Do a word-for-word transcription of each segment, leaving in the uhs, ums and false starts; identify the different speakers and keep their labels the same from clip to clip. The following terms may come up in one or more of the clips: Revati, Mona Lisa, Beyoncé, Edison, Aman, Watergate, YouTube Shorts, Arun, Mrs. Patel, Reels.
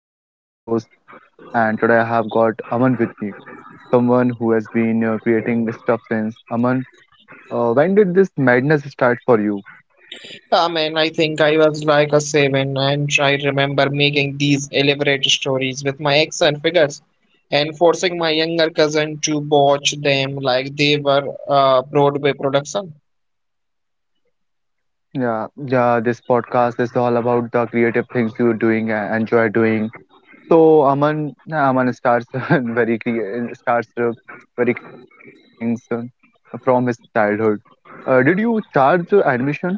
Speaker 1: I am your host and today I have got Aman with me, someone who has been uh, creating stuff since. Aman, uh, when did this madness start for you?
Speaker 2: Yeah, man, I think I was like a seven, and I remember making these elaborate stories with my action figures and forcing my younger cousin to watch them like they were uh, Broadway production.
Speaker 1: Yeah, yeah, this podcast is all about the creative things you're doing and enjoy doing. So Aman, yeah, Aman starts very crea- starts uh, very creative things uh, from his childhood. Uh, did you charge admission?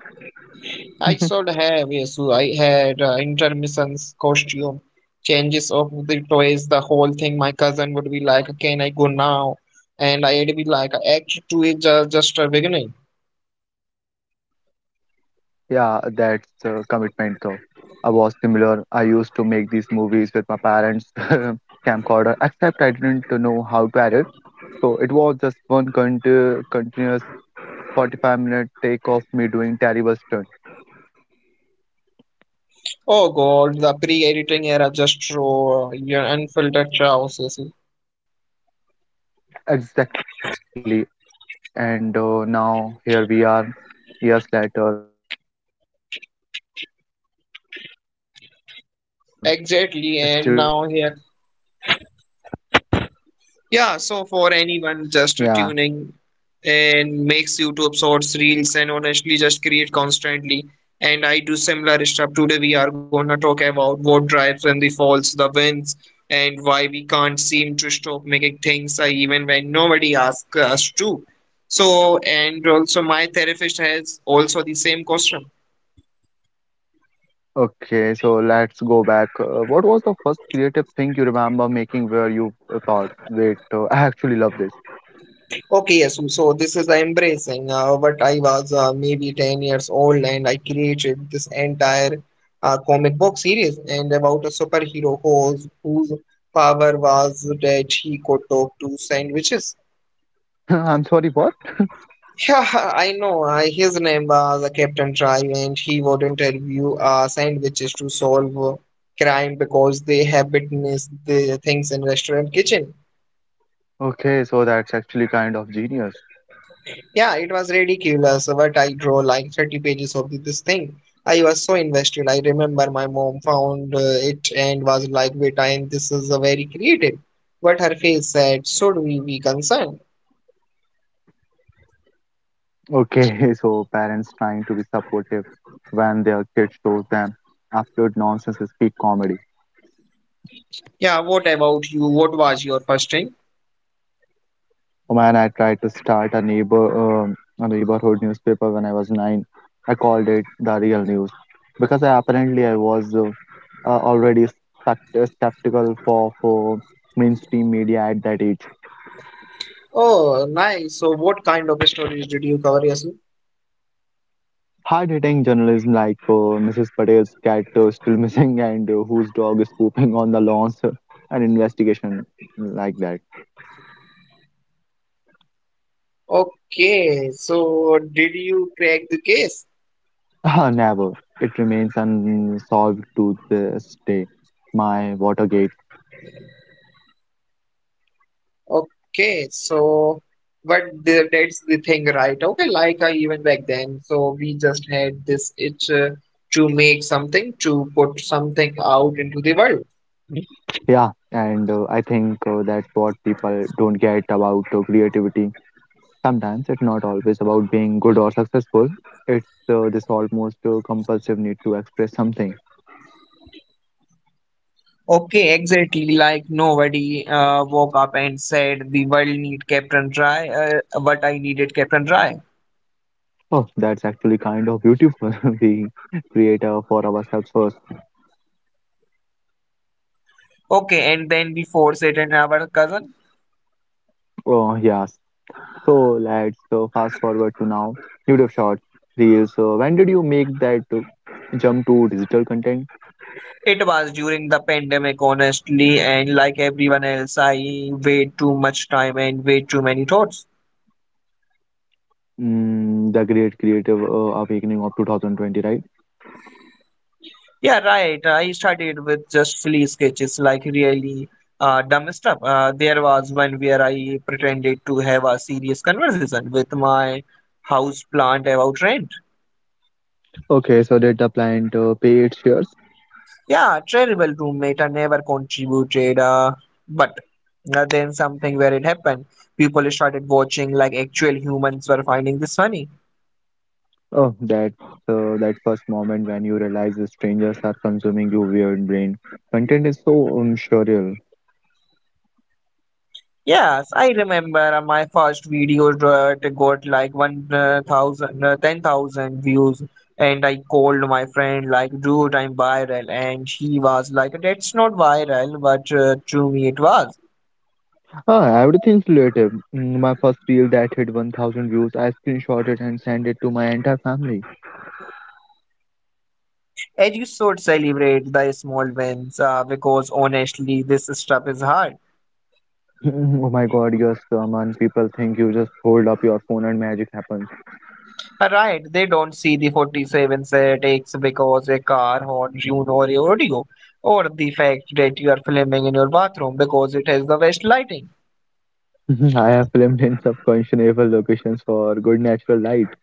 Speaker 2: I should have, yes, I had uh, intermissions, costume changes of the toys, the whole thing. My cousin would be like, "Can I go now?" And I'd be like, "Act two is just, just a beginning."
Speaker 1: Yeah, that's uh, commitment though. I was similar. I used to make these movies with my parents' camcorder, except I didn't know how to edit. So it was just one conti continuous forty-five minute take of me doing terrible stunt.
Speaker 2: Oh God, the pre-editing era just raw, your unfiltered chaos. Yes.
Speaker 1: Exactly. And uh, now here we are, years later, still creating chaos, but with slightly better equipment.
Speaker 2: Exactly, and now here. Yeah, so for anyone just
Speaker 1: Yeah.
Speaker 2: tuning and makes YouTube shorts, reels, and honestly just create constantly. And I do similar stuff. Today we are gonna talk about what drives and the falls, the wins, and why we can't seem to stop making things uh, even when nobody asks us to. So, and also my therapist has also the same question.
Speaker 1: Okay, so let's go back. Uh, what was the first creative thing you remember making where you uh, thought, wait, uh, I actually love this?
Speaker 2: Okay, yes. um, So this is the embracing. Uh, but I was uh, maybe ten years old and I created this entire uh, comic book series and about a superhero whose, whose power was that he could talk to sandwiches.
Speaker 1: I'm sorry, what?
Speaker 2: Yeah, I know. I, his name was uh, Captain Drive and he would interview uh, sandwiches to solve uh, crime because they have witnessed the things in restaurant kitchen.
Speaker 1: Okay, so that's actually kind of genius.
Speaker 2: Yeah, it was ridiculous, but I draw like thirty pages of this thing. I was so invested. I remember my mom found uh, it and was like, wait, and this is a very creative. But her face said, should we be concerned?
Speaker 1: Okay, so parents trying to be supportive when their kids shows them absolute nonsense is peak comedy.
Speaker 2: Yeah, what about you? What was your first thing?
Speaker 1: Oh Man, I tried to start a neighbor um a neighborhood newspaper when I was nine. I called it The Real News because I, apparently I was uh, uh, already spect- skeptical for, for mainstream media at that age.
Speaker 2: Oh, nice. So what kind of stories did you cover, Yasu?
Speaker 1: Hard-hitting journalism like uh, Missus Patel's cat uh, still missing and uh, whose dog is pooping on the lawns, uh, an investigation like that.
Speaker 2: Okay, so did you crack the case?
Speaker 1: Ah, never. It remains unsolved to this day. My Watergate.
Speaker 2: Okay, so but the, that's the thing, right? Okay, like uh, even back then, so we just had this itch uh, to make something, to put something out into the world.
Speaker 1: Yeah, and uh, I think uh, that's what people don't get about uh, creativity. Sometimes it's not always about being good or successful. It's uh, this almost uh, compulsive need to express something.
Speaker 2: Okay, exactly. Like nobody uh, woke up and said the world need Captain Dry, uh, but I needed Captain Dry.
Speaker 1: Oh, that's actually kind of beautiful. We create uh, for ourselves first.
Speaker 2: Okay, and then we force it in our cousin.
Speaker 1: Oh, yes. So let's uh, fast forward to now. YouTube Shorts, Reels. Uh, when did you make that uh, jump to digital content?
Speaker 2: It was during the pandemic, honestly, and like everyone else, I weighed too much time and way too many thoughts.
Speaker 1: Mm, the great creative uh, awakening of two thousand twenty, right?
Speaker 2: Yeah, right. I started with just silly sketches, like really uh, dumb stuff. Uh, there was one where I pretended to have a serious conversation with my house plant about rent.
Speaker 1: Okay, so did the plant uh, pay its shares?
Speaker 2: Yeah, terrible roommate. I never contributed. Uh, but uh, then something where it happened. People started watching like actual humans were finding this funny.
Speaker 1: Oh, that uh, that first moment when you realize the strangers are consuming your weird brain content is so um, surreal.
Speaker 2: Yes, I remember uh, my first video uh, it got like one uh, thousand, uh, ten thousand views, and I called my friend like, "Dude, I'm viral," and she was like, "That's not viral, but uh, to me it was."
Speaker 1: Ah, everything's relative. Mm, my first reel that hit one thousand views, I screenshot it and send it to my entire family.
Speaker 2: And you should celebrate the small wins uh, because honestly, this stuff is hard. Uh,
Speaker 1: Oh my God, yes, uh, man. People think you just hold up your phone and magic happens.
Speaker 2: Right? They don't see the forty-seven takes because a car horn tune or your audio, or the fact that you are filming in your bathroom because it has the best lighting.
Speaker 1: I have filmed in subconscionable locations for good natural light.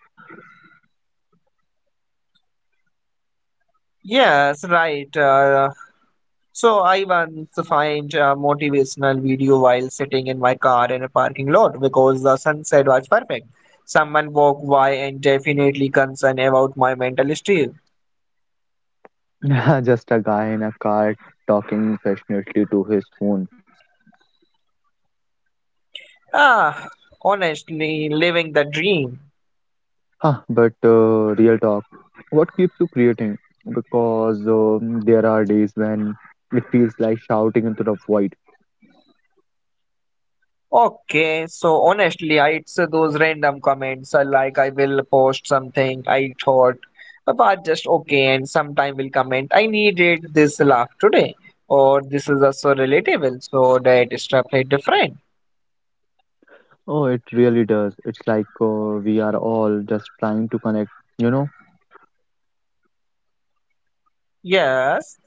Speaker 2: Yes, right. Uh, so I once find a motivational video while sitting in my car in a parking lot because the sunset was perfect. Someone walked by and definitely concerned about my mental state.
Speaker 1: Just a guy in a car talking passionately to his phone.
Speaker 2: Ah, honestly, living the dream.
Speaker 1: Huh, but uh, real talk, what keeps you creating? Because um there are days when it feels like shouting into the void.
Speaker 2: Okay, so honestly, I, it's uh, those random comments uh, like I will post something I thought about just okay, and sometime will comment I needed this laugh today, or this is also relatable, so that is definitely different.
Speaker 1: Oh, it really does. It's like uh, we are all just trying to connect, you know?
Speaker 2: Yes,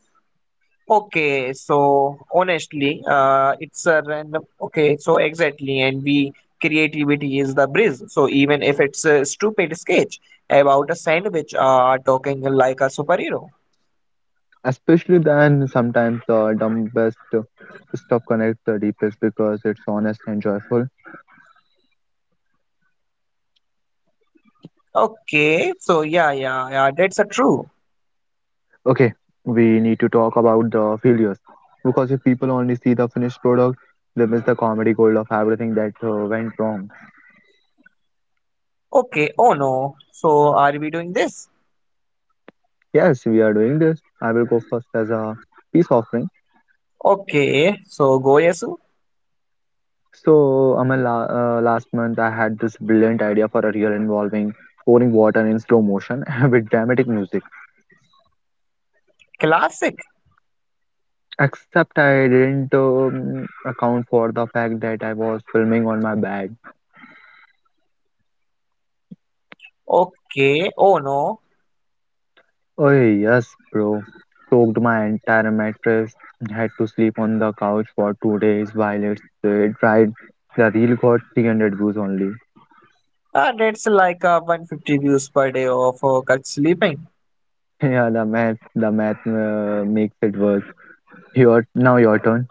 Speaker 2: okay, so honestly, uh, it's a random okay, so exactly, and we creativity is the bridge, so even if it's a stupid sketch about a sandwich, uh, talking like a superhero.
Speaker 1: Especially then, sometimes the dumbest stuff connects the deepest because it's honest and joyful.
Speaker 2: Okay, so yeah, yeah, yeah, that's a true.
Speaker 1: Okay, we need to talk about the failures. Because if people only see the finished product, they miss the comedy gold of everything that uh, went wrong.
Speaker 2: Okay, oh no. So are we doing this?
Speaker 1: Yes, we are doing this. I will go first as a peace offering.
Speaker 2: Okay, so Goyesu,
Speaker 1: So, Amal, la- uh, last month I had this brilliant idea for a reel involving pouring water in slow motion with dramatic music.
Speaker 2: classic.
Speaker 1: Except I didn't um, account for the fact that I was filming on my bed.
Speaker 2: Okay, oh no.
Speaker 1: Oh, yes, bro. Soaked my entire mattress. Had to sleep on the couch for two days while it's uh, dried. The reel got three hundred views only.
Speaker 2: Uh, that's like uh, one hundred fifty views per day of uh, cult sleeping.
Speaker 1: Yeah, the math, the math uh, makes it worse. Your Now your turn.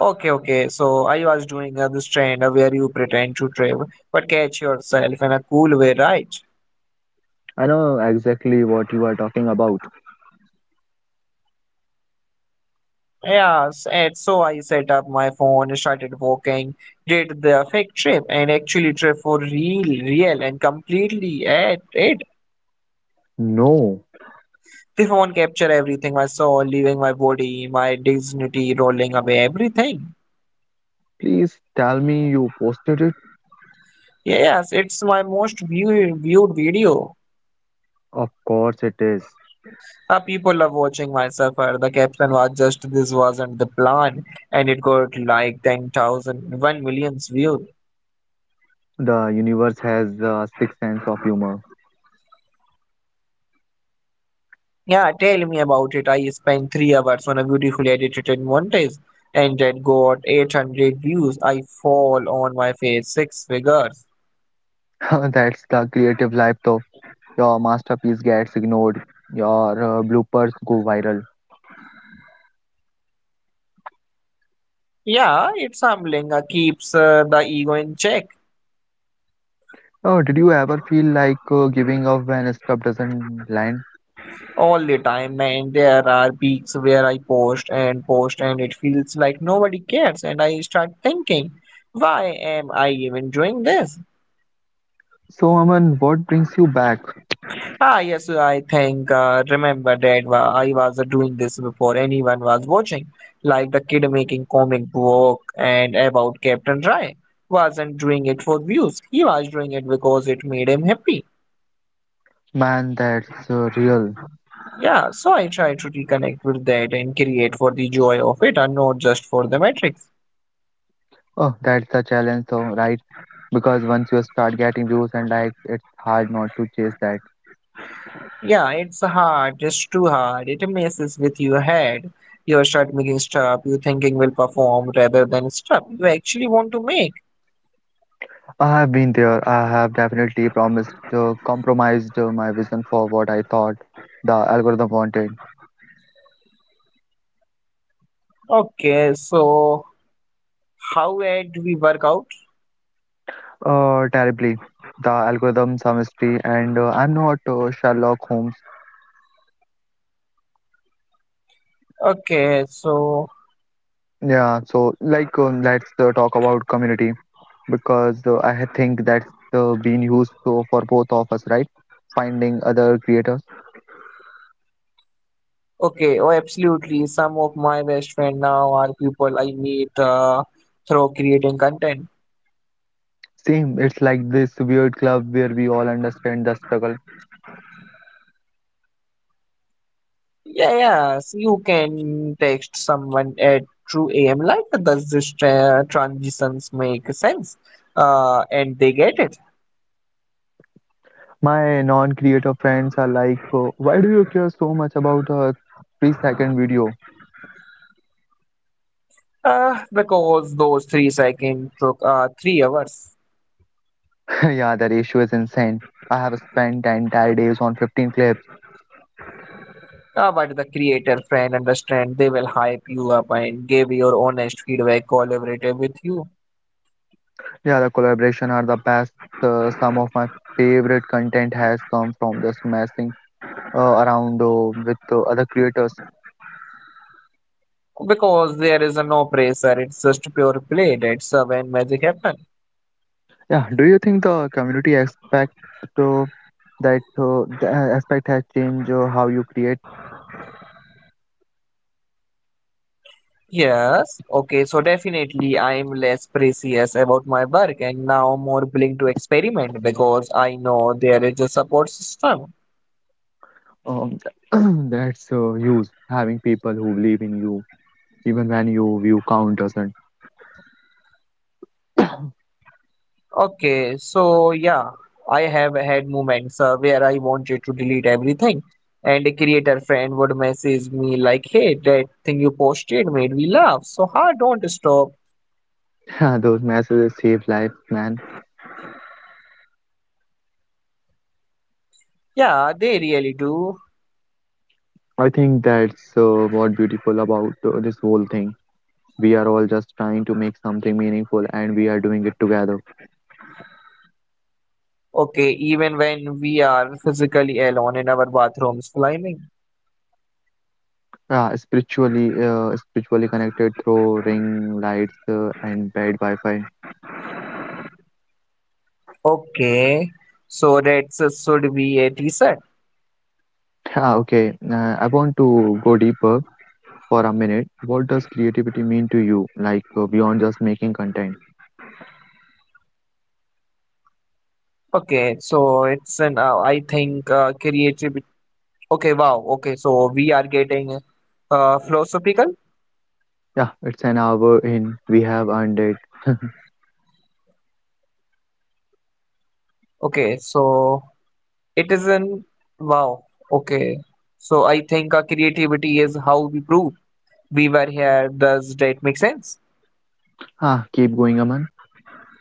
Speaker 2: Okay, okay, so I was doing uh, this trend uh, where you pretend to travel but catch yourself in a cool way, right?
Speaker 1: I know exactly what you are talking about.
Speaker 2: Yeah, s- and so I set up my phone, started walking, did the fake trip, and actually trip for real, real, and completely at it.
Speaker 1: No,
Speaker 2: The phone captured everything I saw, leaving my body, my dignity rolling away, everything.
Speaker 1: please tell me you posted it.
Speaker 2: Yes, it's my most viewed, viewed video.
Speaker 1: Of course, it is.
Speaker 2: Uh, people love watching my suffer. The caption was just this wasn't the plan, and it got like ten thousand, one million views.
Speaker 1: The universe has a sixth sense of humor.
Speaker 2: Yeah, tell me about it. I spent three hours on a beautifully edited montage and it got eight hundred views. I fall on my face, six figures.
Speaker 1: That's the creative life, though. Your masterpiece gets ignored. Your uh, bloopers go viral.
Speaker 2: Yeah, it's humbling. Uh, keeps uh, the ego in check
Speaker 1: Oh, did you ever feel like uh, giving up when stuff doesn't land?
Speaker 2: all the time. And there are weeks where I post and post and it feels like nobody cares. And I start thinking, why am I even doing this?
Speaker 1: So, Aman, what brings you back?
Speaker 2: Ah, yes, I think uh, remember that wa- I was uh, doing this before anyone was watching, like the kid making comic book and about Captain Rye wasn't doing it for views. He was doing it because it made him happy.
Speaker 1: Man, that's uh, real.
Speaker 2: Yeah, so I try to reconnect with that and create for the joy of it and not just for the metrics.
Speaker 1: Oh, that's the challenge, though, right? Because once you start getting views and likes, it's hard not to chase that.
Speaker 2: Yeah, it's hard, it's too hard. It messes with your head. You start making stuff you thinking will perform rather than stuff you actually want to make.
Speaker 1: I have been there. I have definitely promised, uh, compromised uh, my vision for what I thought the algorithm wanted.
Speaker 2: Okay, so How would we work out?
Speaker 1: Uh, terribly. The algorithm, some mystery, and uh, I'm not uh, Sherlock Holmes.
Speaker 2: Okay, so
Speaker 1: Yeah, so like, um, let's uh, talk about community because uh, I ha- think that's uh, been useful for both of us, right? Finding other creators.
Speaker 2: okay, oh absolutely. Some of my best friend now are people I meet uh, through creating content.
Speaker 1: Same, it's like this weird club where we all understand the struggle.
Speaker 2: Yeah, yes, you can text someone at two a m. Like, does this tra- transitions make sense? Uh, and they get it.
Speaker 1: My non-creator friends are like, uh, why do you care so much about a three-second video?
Speaker 2: Uh, because those three seconds took uh, three hours.
Speaker 1: Yeah, the ratio is insane. I have spent the entire days on fifteen clips.
Speaker 2: Uh, but the creator friend understand they will hype you up and give your honest feedback collaborative with you.
Speaker 1: Yeah, the collaboration are the best. Uh, some of my favorite content has come from just messing uh, around uh, with uh, other creators.
Speaker 2: Because there is a no pressure, it's just pure play. That's uh, when magic happens.
Speaker 1: Yeah, do you think the community aspect uh, that uh, the aspect has changed uh, how you create?
Speaker 2: Yes, okay, so definitely I am less precious about my work and now more willing to experiment because I know there is a support system.
Speaker 1: Um, that's uh, huge. Having people who believe in you even when you view count doesn't.
Speaker 2: Okay, so yeah, I have had moments uh, where I wanted to delete everything, and a creator friend would message me like, "Hey, that thing you posted made me laugh so hard, don't stop."
Speaker 1: Those messages save lives, man.
Speaker 2: Yeah, they really do.
Speaker 1: I think that's uh, what beautiful about uh, this whole thing. We are all just trying to make something meaningful, and we are doing it together.
Speaker 2: Okay, even when we are physically alone in our bathrooms climbing.
Speaker 1: Uh, spiritually, uh, spiritually connected through ring lights uh, and bad Wi-Fi.
Speaker 2: Okay, so that's uh, should be a t-shirt.
Speaker 1: Ah, okay, uh, I want to go deeper for a minute. What does creativity mean to you? Like uh, beyond just making content?
Speaker 2: Okay, so it's an uh, I think uh, creative. Okay, wow. Okay, so we are getting uh, philosophical.
Speaker 1: Yeah, it's an hour in. We have earned it.
Speaker 2: Okay, so it is an wow. Okay, so I think uh, creativity is how we prove we were here. Does that make sense?
Speaker 1: Ah, keep going, Aman.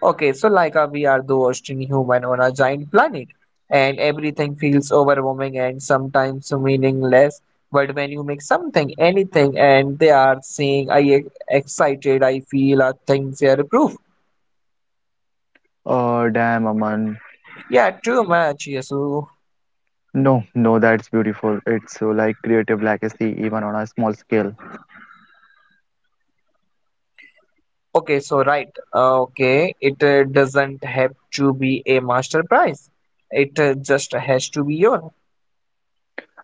Speaker 2: Okay, so like uh, we are the Austin human on a giant planet, and everything feels overwhelming and sometimes meaningless. But when you make something, anything, and they are saying, I e- excited, I feel uh, things are proof.
Speaker 1: Oh, damn, Aman.
Speaker 2: Yeah, too much. Yes. so-
Speaker 1: No, no, that's beautiful. It's uh, like creative legacy, even on a small scale.
Speaker 2: Okay, so right. Uh, okay, it uh, doesn't have to be a master prize. It uh, just has to be your.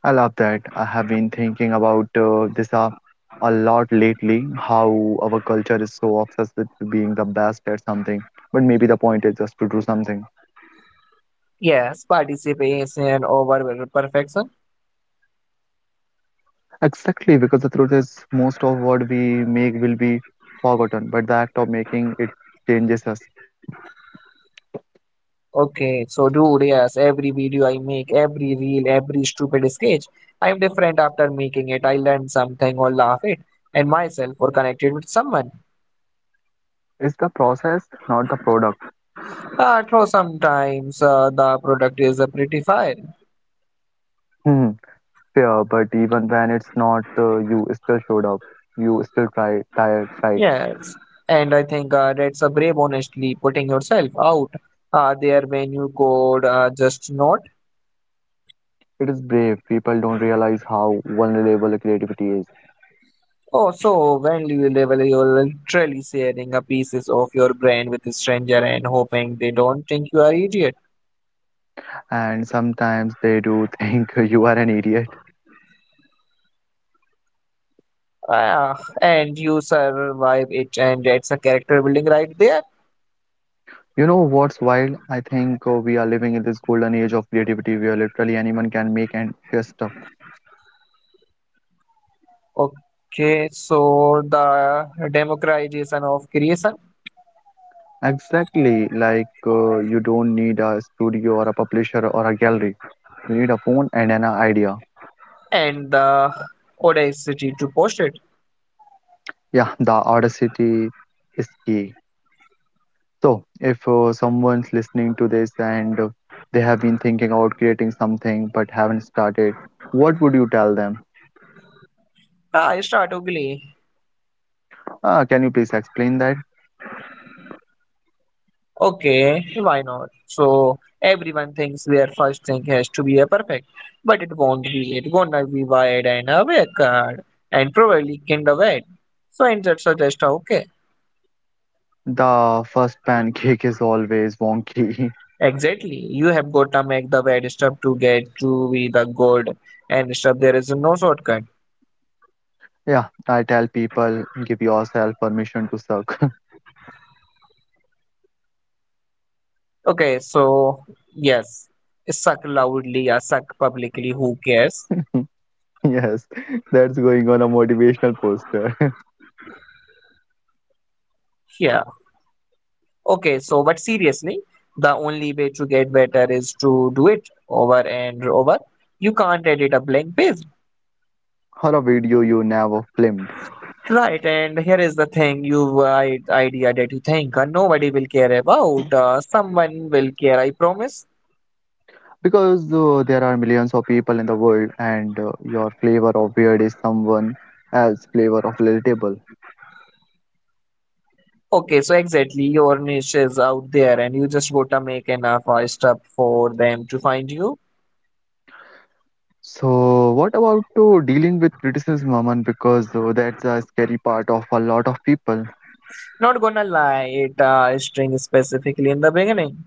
Speaker 1: I love that. I have been thinking about uh, this uh, a lot lately, how our culture is so obsessed with being the best at something. But maybe the point is just to do something.
Speaker 2: Yes, participation over perfection.
Speaker 1: Exactly, because the truth is, most of what we make will be forgotten, but the act of making it changes us.
Speaker 2: Okay, so dude, yes, every video I make, every reel, every stupid sketch, I'm different after making it. I learn something or laugh it and myself or connected with someone.
Speaker 1: It's the process, not the product.
Speaker 2: Uh, though sometimes uh, the product is a pretty fire.
Speaker 1: Hmm. Fair, but even when it's not, uh, you still showed up. You still try, tired, tight.
Speaker 2: Yes, and I think uh, that's a brave, honestly, putting yourself out uh, there when you could uh, just not.
Speaker 1: It is brave. People don't realize how vulnerable creativity is,
Speaker 2: Oh, so when you level, you're literally sharing a pieces of your brain with a stranger and hoping they don't think you are idiot.
Speaker 1: and sometimes they do think you are an idiot.
Speaker 2: Ah, and you survive it, and that's a character building right there.
Speaker 1: You know what's wild? I think uh, we are living in this golden age of creativity where literally anyone can make and share stuff.
Speaker 2: Okay, so the democratization of creation
Speaker 1: Exactly, like uh, you don't need a studio or a publisher or a gallery. You need a phone and an idea.
Speaker 2: and the audacity to post it.
Speaker 1: Yeah, the audacity is key. So, if uh, someone's listening to this and uh, they have been thinking about creating something but haven't started, what would you tell them?
Speaker 2: I start ugly.
Speaker 1: Uh, can you please explain that?
Speaker 2: Okay, why not? So everyone thinks their first thing has to be a perfect, but it won't be. It gonna be wide and awake ah, and probably kind of wet. So and that's just okay.
Speaker 1: The first pancake is always wonky.
Speaker 2: Exactly. You have got to make the bad stuff to get to be the good and stuff. There is no shortcut.
Speaker 1: Yeah, I tell people, give yourself permission to suck.
Speaker 2: Okay, so yes, suck loudly or suck publicly. Who cares?
Speaker 1: Yes, that's going on a motivational poster
Speaker 2: Yeah. Okay, so but seriously, the only way to get better is to do it over and over. You can't edit a blank page.
Speaker 1: or a video you never filmed.
Speaker 2: Right, and here is the thing you uh, idea that you think uh, nobody will care about. Uh, someone will care, I promise.
Speaker 1: Because uh, there are millions of people in the world, and uh, your flavor of weird is someone else's flavor of relatable.
Speaker 2: Okay, so exactly your niche is out there and you just gotta make enough uh, stuff for them to find you.
Speaker 1: So, what about to dealing with criticism, Aman? Because uh, that's a scary part of a lot of people.
Speaker 2: Not gonna lie, it uh, string specifically in the beginning.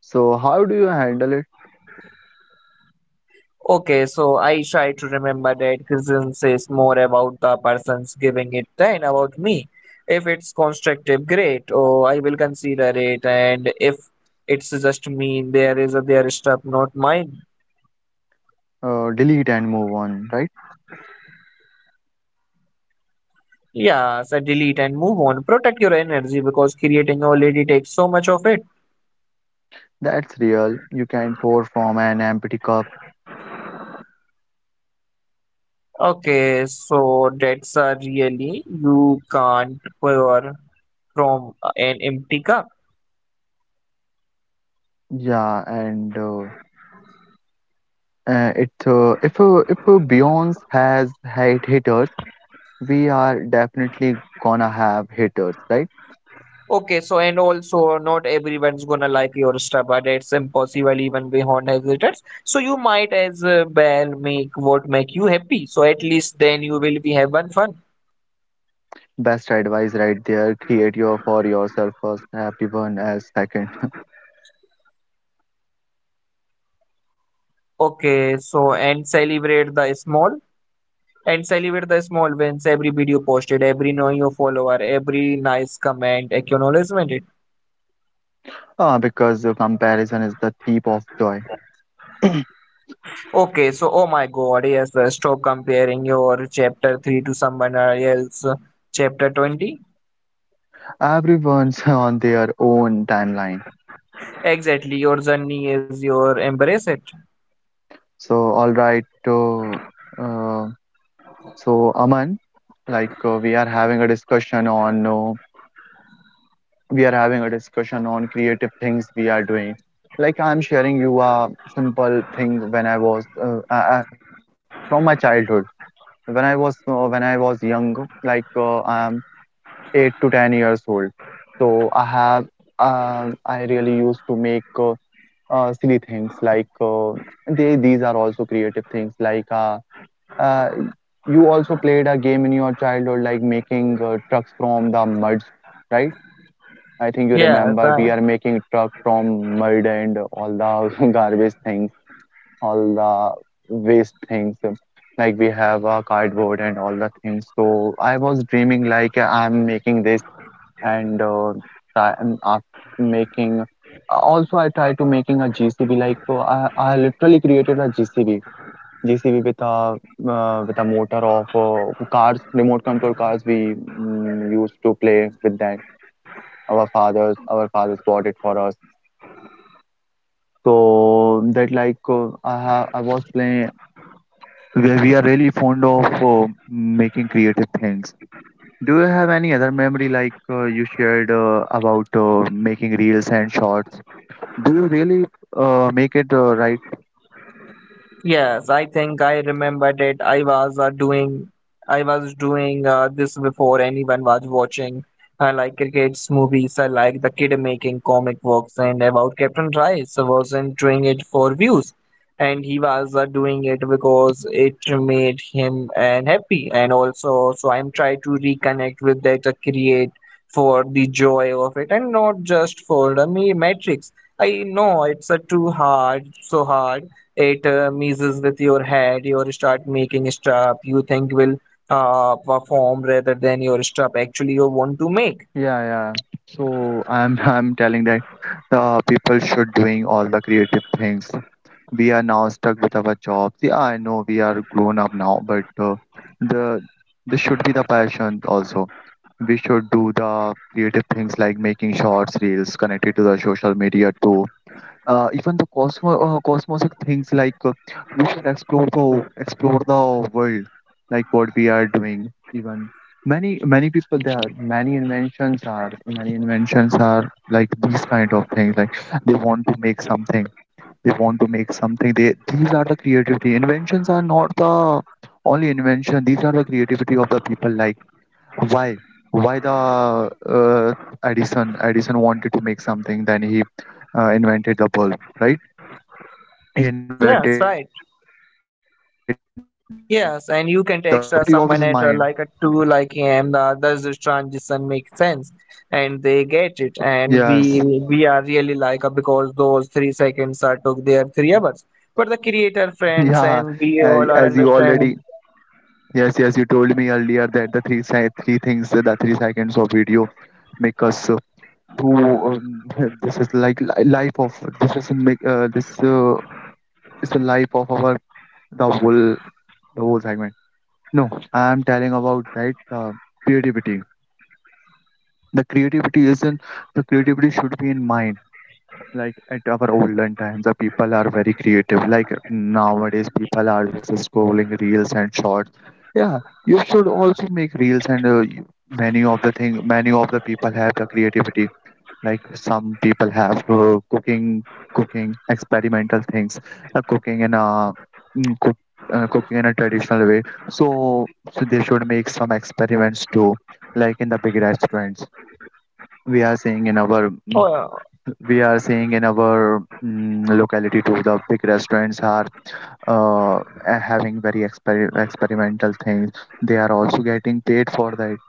Speaker 1: So, how do you handle it?
Speaker 2: Okay, so I try to remember that criticism says more about the persons giving it than about me. If it's constructive, great. Oh, I will consider it. And if it's just me, there is a their stuff, not mine.
Speaker 1: Uh, delete and move on, right?
Speaker 2: Yeah, so delete and move on. Protect your energy because creating already takes so much of it.
Speaker 1: That's real. You can pour from an empty cup.
Speaker 2: Okay, so that's a really you can't pour from an empty cup.
Speaker 1: Yeah, and uh, uh, it uh, if uh, if uh, Beyonce has hate haters, we are definitely gonna have haters, right?
Speaker 2: Okay, so and also not everyone's gonna like your stuff, but it's impossible even beyond hesitants. So you might as uh, well make what make you happy. So at least then you will be having fun.
Speaker 1: Best advice right there. Create your for yourself first, everyone else second.
Speaker 2: Okay, so and celebrate the small and celebrate the small wins. Every video posted, every new follower, every nice comment, acknowledgement.
Speaker 1: Ah, because uh, comparison is the thief of joy.
Speaker 2: Okay, so oh my god, yes, uh, stop comparing your chapter three to someone else. uh, Chapter twenty?
Speaker 1: Everyone's on their own timeline.
Speaker 2: Exactly, your journey is your embrace it.
Speaker 1: So, all right. Uh, uh, so, Aman, like uh, we are having a discussion on uh, we are having a discussion on creative things we are doing. Like I'm sharing you a simple thing when I was uh, I, I- from my childhood. When I was uh, when I was young, like uh, I'm eight to ten years old. So I have uh, I really used to make. Uh, uh, silly things like uh, they these are also creative things like uh, uh, you also played a game in your childhood like making uh, trucks from the muds, right? I think you
Speaker 2: Yes,
Speaker 1: remember we
Speaker 2: uh,
Speaker 1: are making truck from mud and all the garbage things, all the waste things, like we have a cardboard and all the things. So I was dreaming like I'm making this, and uh, try, and ask, making. Also I try to making a G C B. Like so I, I literally created a G C B. G C B with a uh, with a motor of uh, cars, remote control cars we mm, used to play with that. Our fathers our fathers bought it for us. So that like uh, I have I was playing. We we are really fond of uh, making creative things. Do you have any other memory like uh, you shared uh, about uh, making reels and shorts? Do you really uh, make it, uh, right?
Speaker 2: Yes, I think I remembered it. I was uh, doing, I was doing uh, this before anyone was watching. I like cricket's movies. I like the kid making comic books and about Captain Rice wasn't doing it for views, and he was uh, doing it because it made him and happy. And also, so I'm trying to reconnect with that uh, create for the joy of it and not just for the me- metrics. I know it's uh, too hard, so hard it uh, messes with your head you start making stuff you think will uh, perform rather than your stuff actually you want to make.
Speaker 1: Yeah, yeah. So I'm I'm telling that the people should doing all the creative things. We are now stuck with our jobs. Yeah, I know we are grown up now, but uh, the this should be the passion also. We should do the creative things like making shorts, reels, connected to the social media too. Uh, even the cosmos uh, cosmos of things like, uh, we should explore the explore the world, like what we are doing. Even many many people, there are many inventions are many inventions are like these kind of things. Like they want to make something they want to make something. They, these are the creativity. Inventions are not the only invention, these are the creativity of the people. Like, why why the uh, edison Edison wanted to make something, then he uh, invented the bulb, right? He invented the
Speaker 2: Yes,
Speaker 1: bulb.
Speaker 2: right.
Speaker 1: This is this is not the only
Speaker 2: Yes,
Speaker 1: invention.
Speaker 2: and
Speaker 1: This
Speaker 2: you
Speaker 1: is the
Speaker 2: can text uh,
Speaker 1: creativity of
Speaker 2: someone
Speaker 1: his
Speaker 2: at uh,
Speaker 1: mind.
Speaker 2: like a two like am uh, does this transition make sense and they get it and we
Speaker 1: Yes,
Speaker 2: we are really like uh, because those three seconds are took their three hours but the creator friends
Speaker 1: yeah.
Speaker 2: and we
Speaker 1: As,
Speaker 2: all are
Speaker 1: as you
Speaker 2: understand.
Speaker 1: already, yes yes you told me earlier that the three se- three things uh, the three seconds of video make us uh, who um, this is like li- life of this is make uh, this uh, is the life of our the whole the whole segment. No, I am telling about that uh, creativity. The creativity isn't the creativity should be in mind. Like at our olden times, the people are very creative. Like nowadays, people are just scrolling reels and shorts. Yeah, you should also make reels and, uh, you- many of the thing, many of the people have the creativity. Like some people have, uh, cooking, cooking experimental things, uh, cooking in a mm, cook, uh, cooking in a traditional way. So, so they should make some experiments too, like in the big restaurants. We are seeing in
Speaker 2: Oh,
Speaker 1: our mm, we are seeing in our, mm, locality too, the big restaurants are uh, having very exper- experimental things. They are also getting paid for that.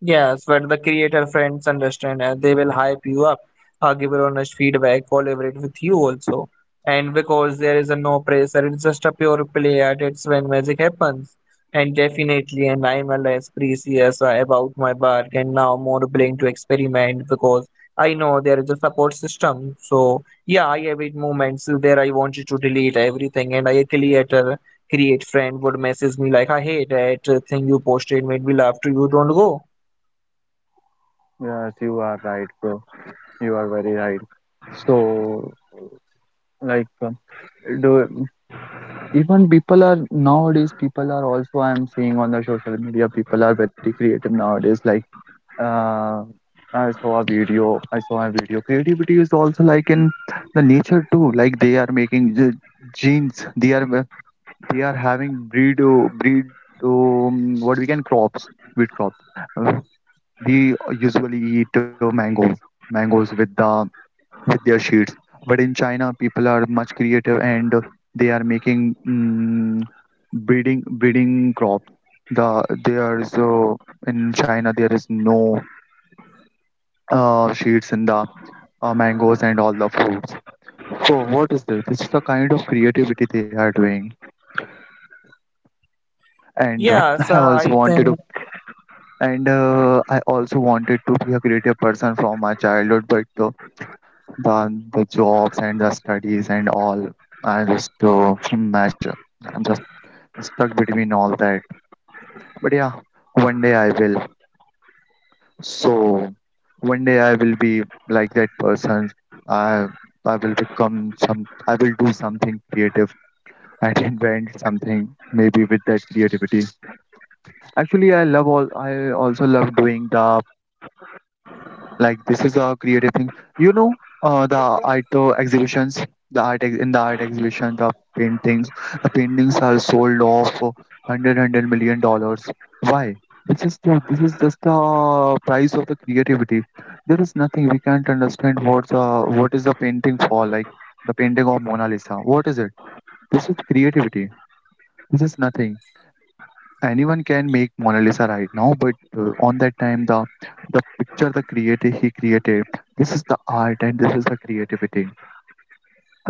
Speaker 2: Yes, but the creator friends understand and they will hype you up, uh, give you honest feedback, collaborate with you also. And because there is a no pressure, it's just a pure play at it's when magic happens. And definitely, and I'm a less precious uh, about my work and now more willing to experiment because I know there is a support system. So yeah, I have it moments where I wanted to delete everything and I a creator create friend would message me like I hate that uh, thing you posted made me laugh to you don't go.
Speaker 1: Yes, you are right, bro. You are very right. So, like, um, do even people are nowadays, people are also, I'm seeing on the social media, people are very creative nowadays. Like, uh, I saw a video. I saw a video. Creativity is also like in the nature too. Like they are making the genes. They are they are having breed uh, breed, um, what we can crops, breed crops. Uh, they usually eat, uh, mangoes mangoes with the, with their seeds. But in China, people are much creative and they are making, um, breeding breeding crops. The there is uh, in China there is no uh, sheets in the, uh, mangoes and all the fruits. So what is this? This is the kind of creativity they are doing. And uh,
Speaker 2: Yeah, so
Speaker 1: I also
Speaker 2: I
Speaker 1: wanted to,
Speaker 2: think,
Speaker 1: and uh, I also wanted to be a creative person from my childhood, but uh, the the jobs and the studies and all, I just, uh, mesh. I'm just stuck between all that. But yeah, one day I will. So one day I will be like that person. I I will become some. I will do something creative and invent something maybe with that creativity. Actually, i love all i also love doing the painting too. Like, this is a creative thing, you know? Uh, the art uh, exhibitions the art ex- in the art exhibition, the paintings the paintings are sold off for 100 dollars. Why? This is the, this is just the price of the creativity. There is nothing, we can't understand what's uh, what is the painting for. Like, the painting of Mona Lisa, what is it? This is creativity. This is nothing. Anyone can make Mona Lisa right now, but uh, on that time, the the picture, the creator, he created. This is the art and this is the creativity,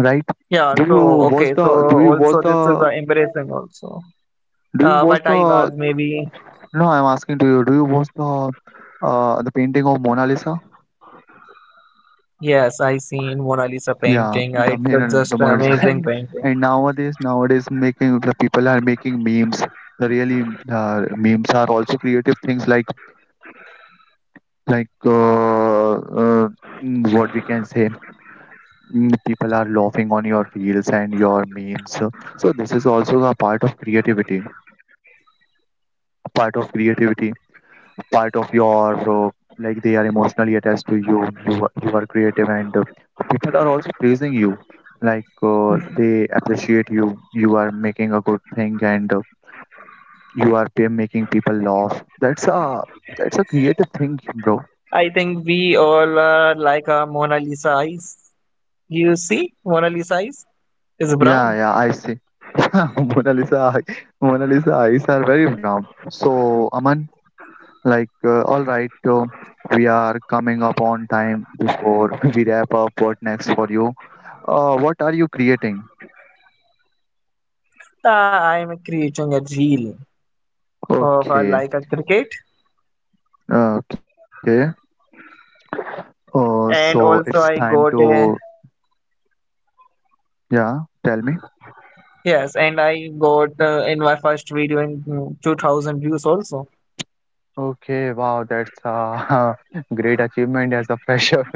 Speaker 1: right?
Speaker 2: yeah, so
Speaker 1: do you
Speaker 2: okay, so
Speaker 1: watch the do
Speaker 2: also
Speaker 1: you
Speaker 2: this
Speaker 1: watch
Speaker 2: is uh,
Speaker 1: the
Speaker 2: embarrassing also. Uh,
Speaker 1: do you
Speaker 2: but I
Speaker 1: watch
Speaker 2: was
Speaker 1: the
Speaker 2: maybe,
Speaker 1: no I'm asking to you, do you watch the, uh the painting of Mona Lisa?
Speaker 2: yes, I seen Mona Lisa
Speaker 1: Yeah,
Speaker 2: painting. Uh, It's
Speaker 1: the
Speaker 2: uh,
Speaker 1: Mona-
Speaker 2: just
Speaker 1: the
Speaker 2: an
Speaker 1: Mona Lisa,
Speaker 2: amazing
Speaker 1: and
Speaker 2: painting.
Speaker 1: and nowadays nowadays making the people are making memes. The really, uh, memes are also creative things. like like uh, uh, mm, what we can say mm, people are laughing on your reels and your memes. So this is also a part of creativity part of creativity, part of your, uh, like, they are emotionally attached to you. You are- you are creative and, uh, people are also praising you. Like, uh, they appreciate you. You are making a good thing, and, uh, you are pe- making people laugh. That's a that's a creative thing, bro.
Speaker 2: I think we all uh, like uh, Mona Lisa eyes. You see, Mona Lisa eyes is
Speaker 1: Yeah,
Speaker 2: brown.
Speaker 1: yeah, I see. Mona Lisa, eye- Mona Lisa eyes are very brown. So, Aman, like, uh, all right, uh, we are coming up on time before we wrap up. What next for you? Uh, what are you creating?
Speaker 2: Uh, I am creating a reel of uh,
Speaker 1: Okay,
Speaker 2: like a cricket,
Speaker 1: okay. Uh, so
Speaker 2: and
Speaker 1: it's
Speaker 2: also
Speaker 1: time
Speaker 2: I got
Speaker 1: to,
Speaker 2: a
Speaker 1: yeah, tell me.
Speaker 2: yes, and I got uh, in my first video in mm, two thousand views also.
Speaker 1: Okay, wow, that's a great achievement as a fresher.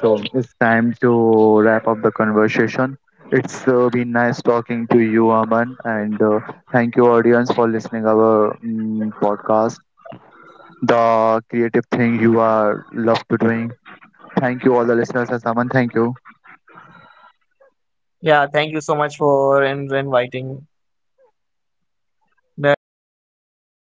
Speaker 1: So it's time to wrap up the conversation. It's uh, been nice talking to you, Aman, and, uh, thank you, audience, for listening our, mm, podcast. The creative thing you are love to doing. Thank you, all the listeners, and Aman, thank you.
Speaker 2: Yeah, thank you so much for in- inviting. Uh, really, this is interesting.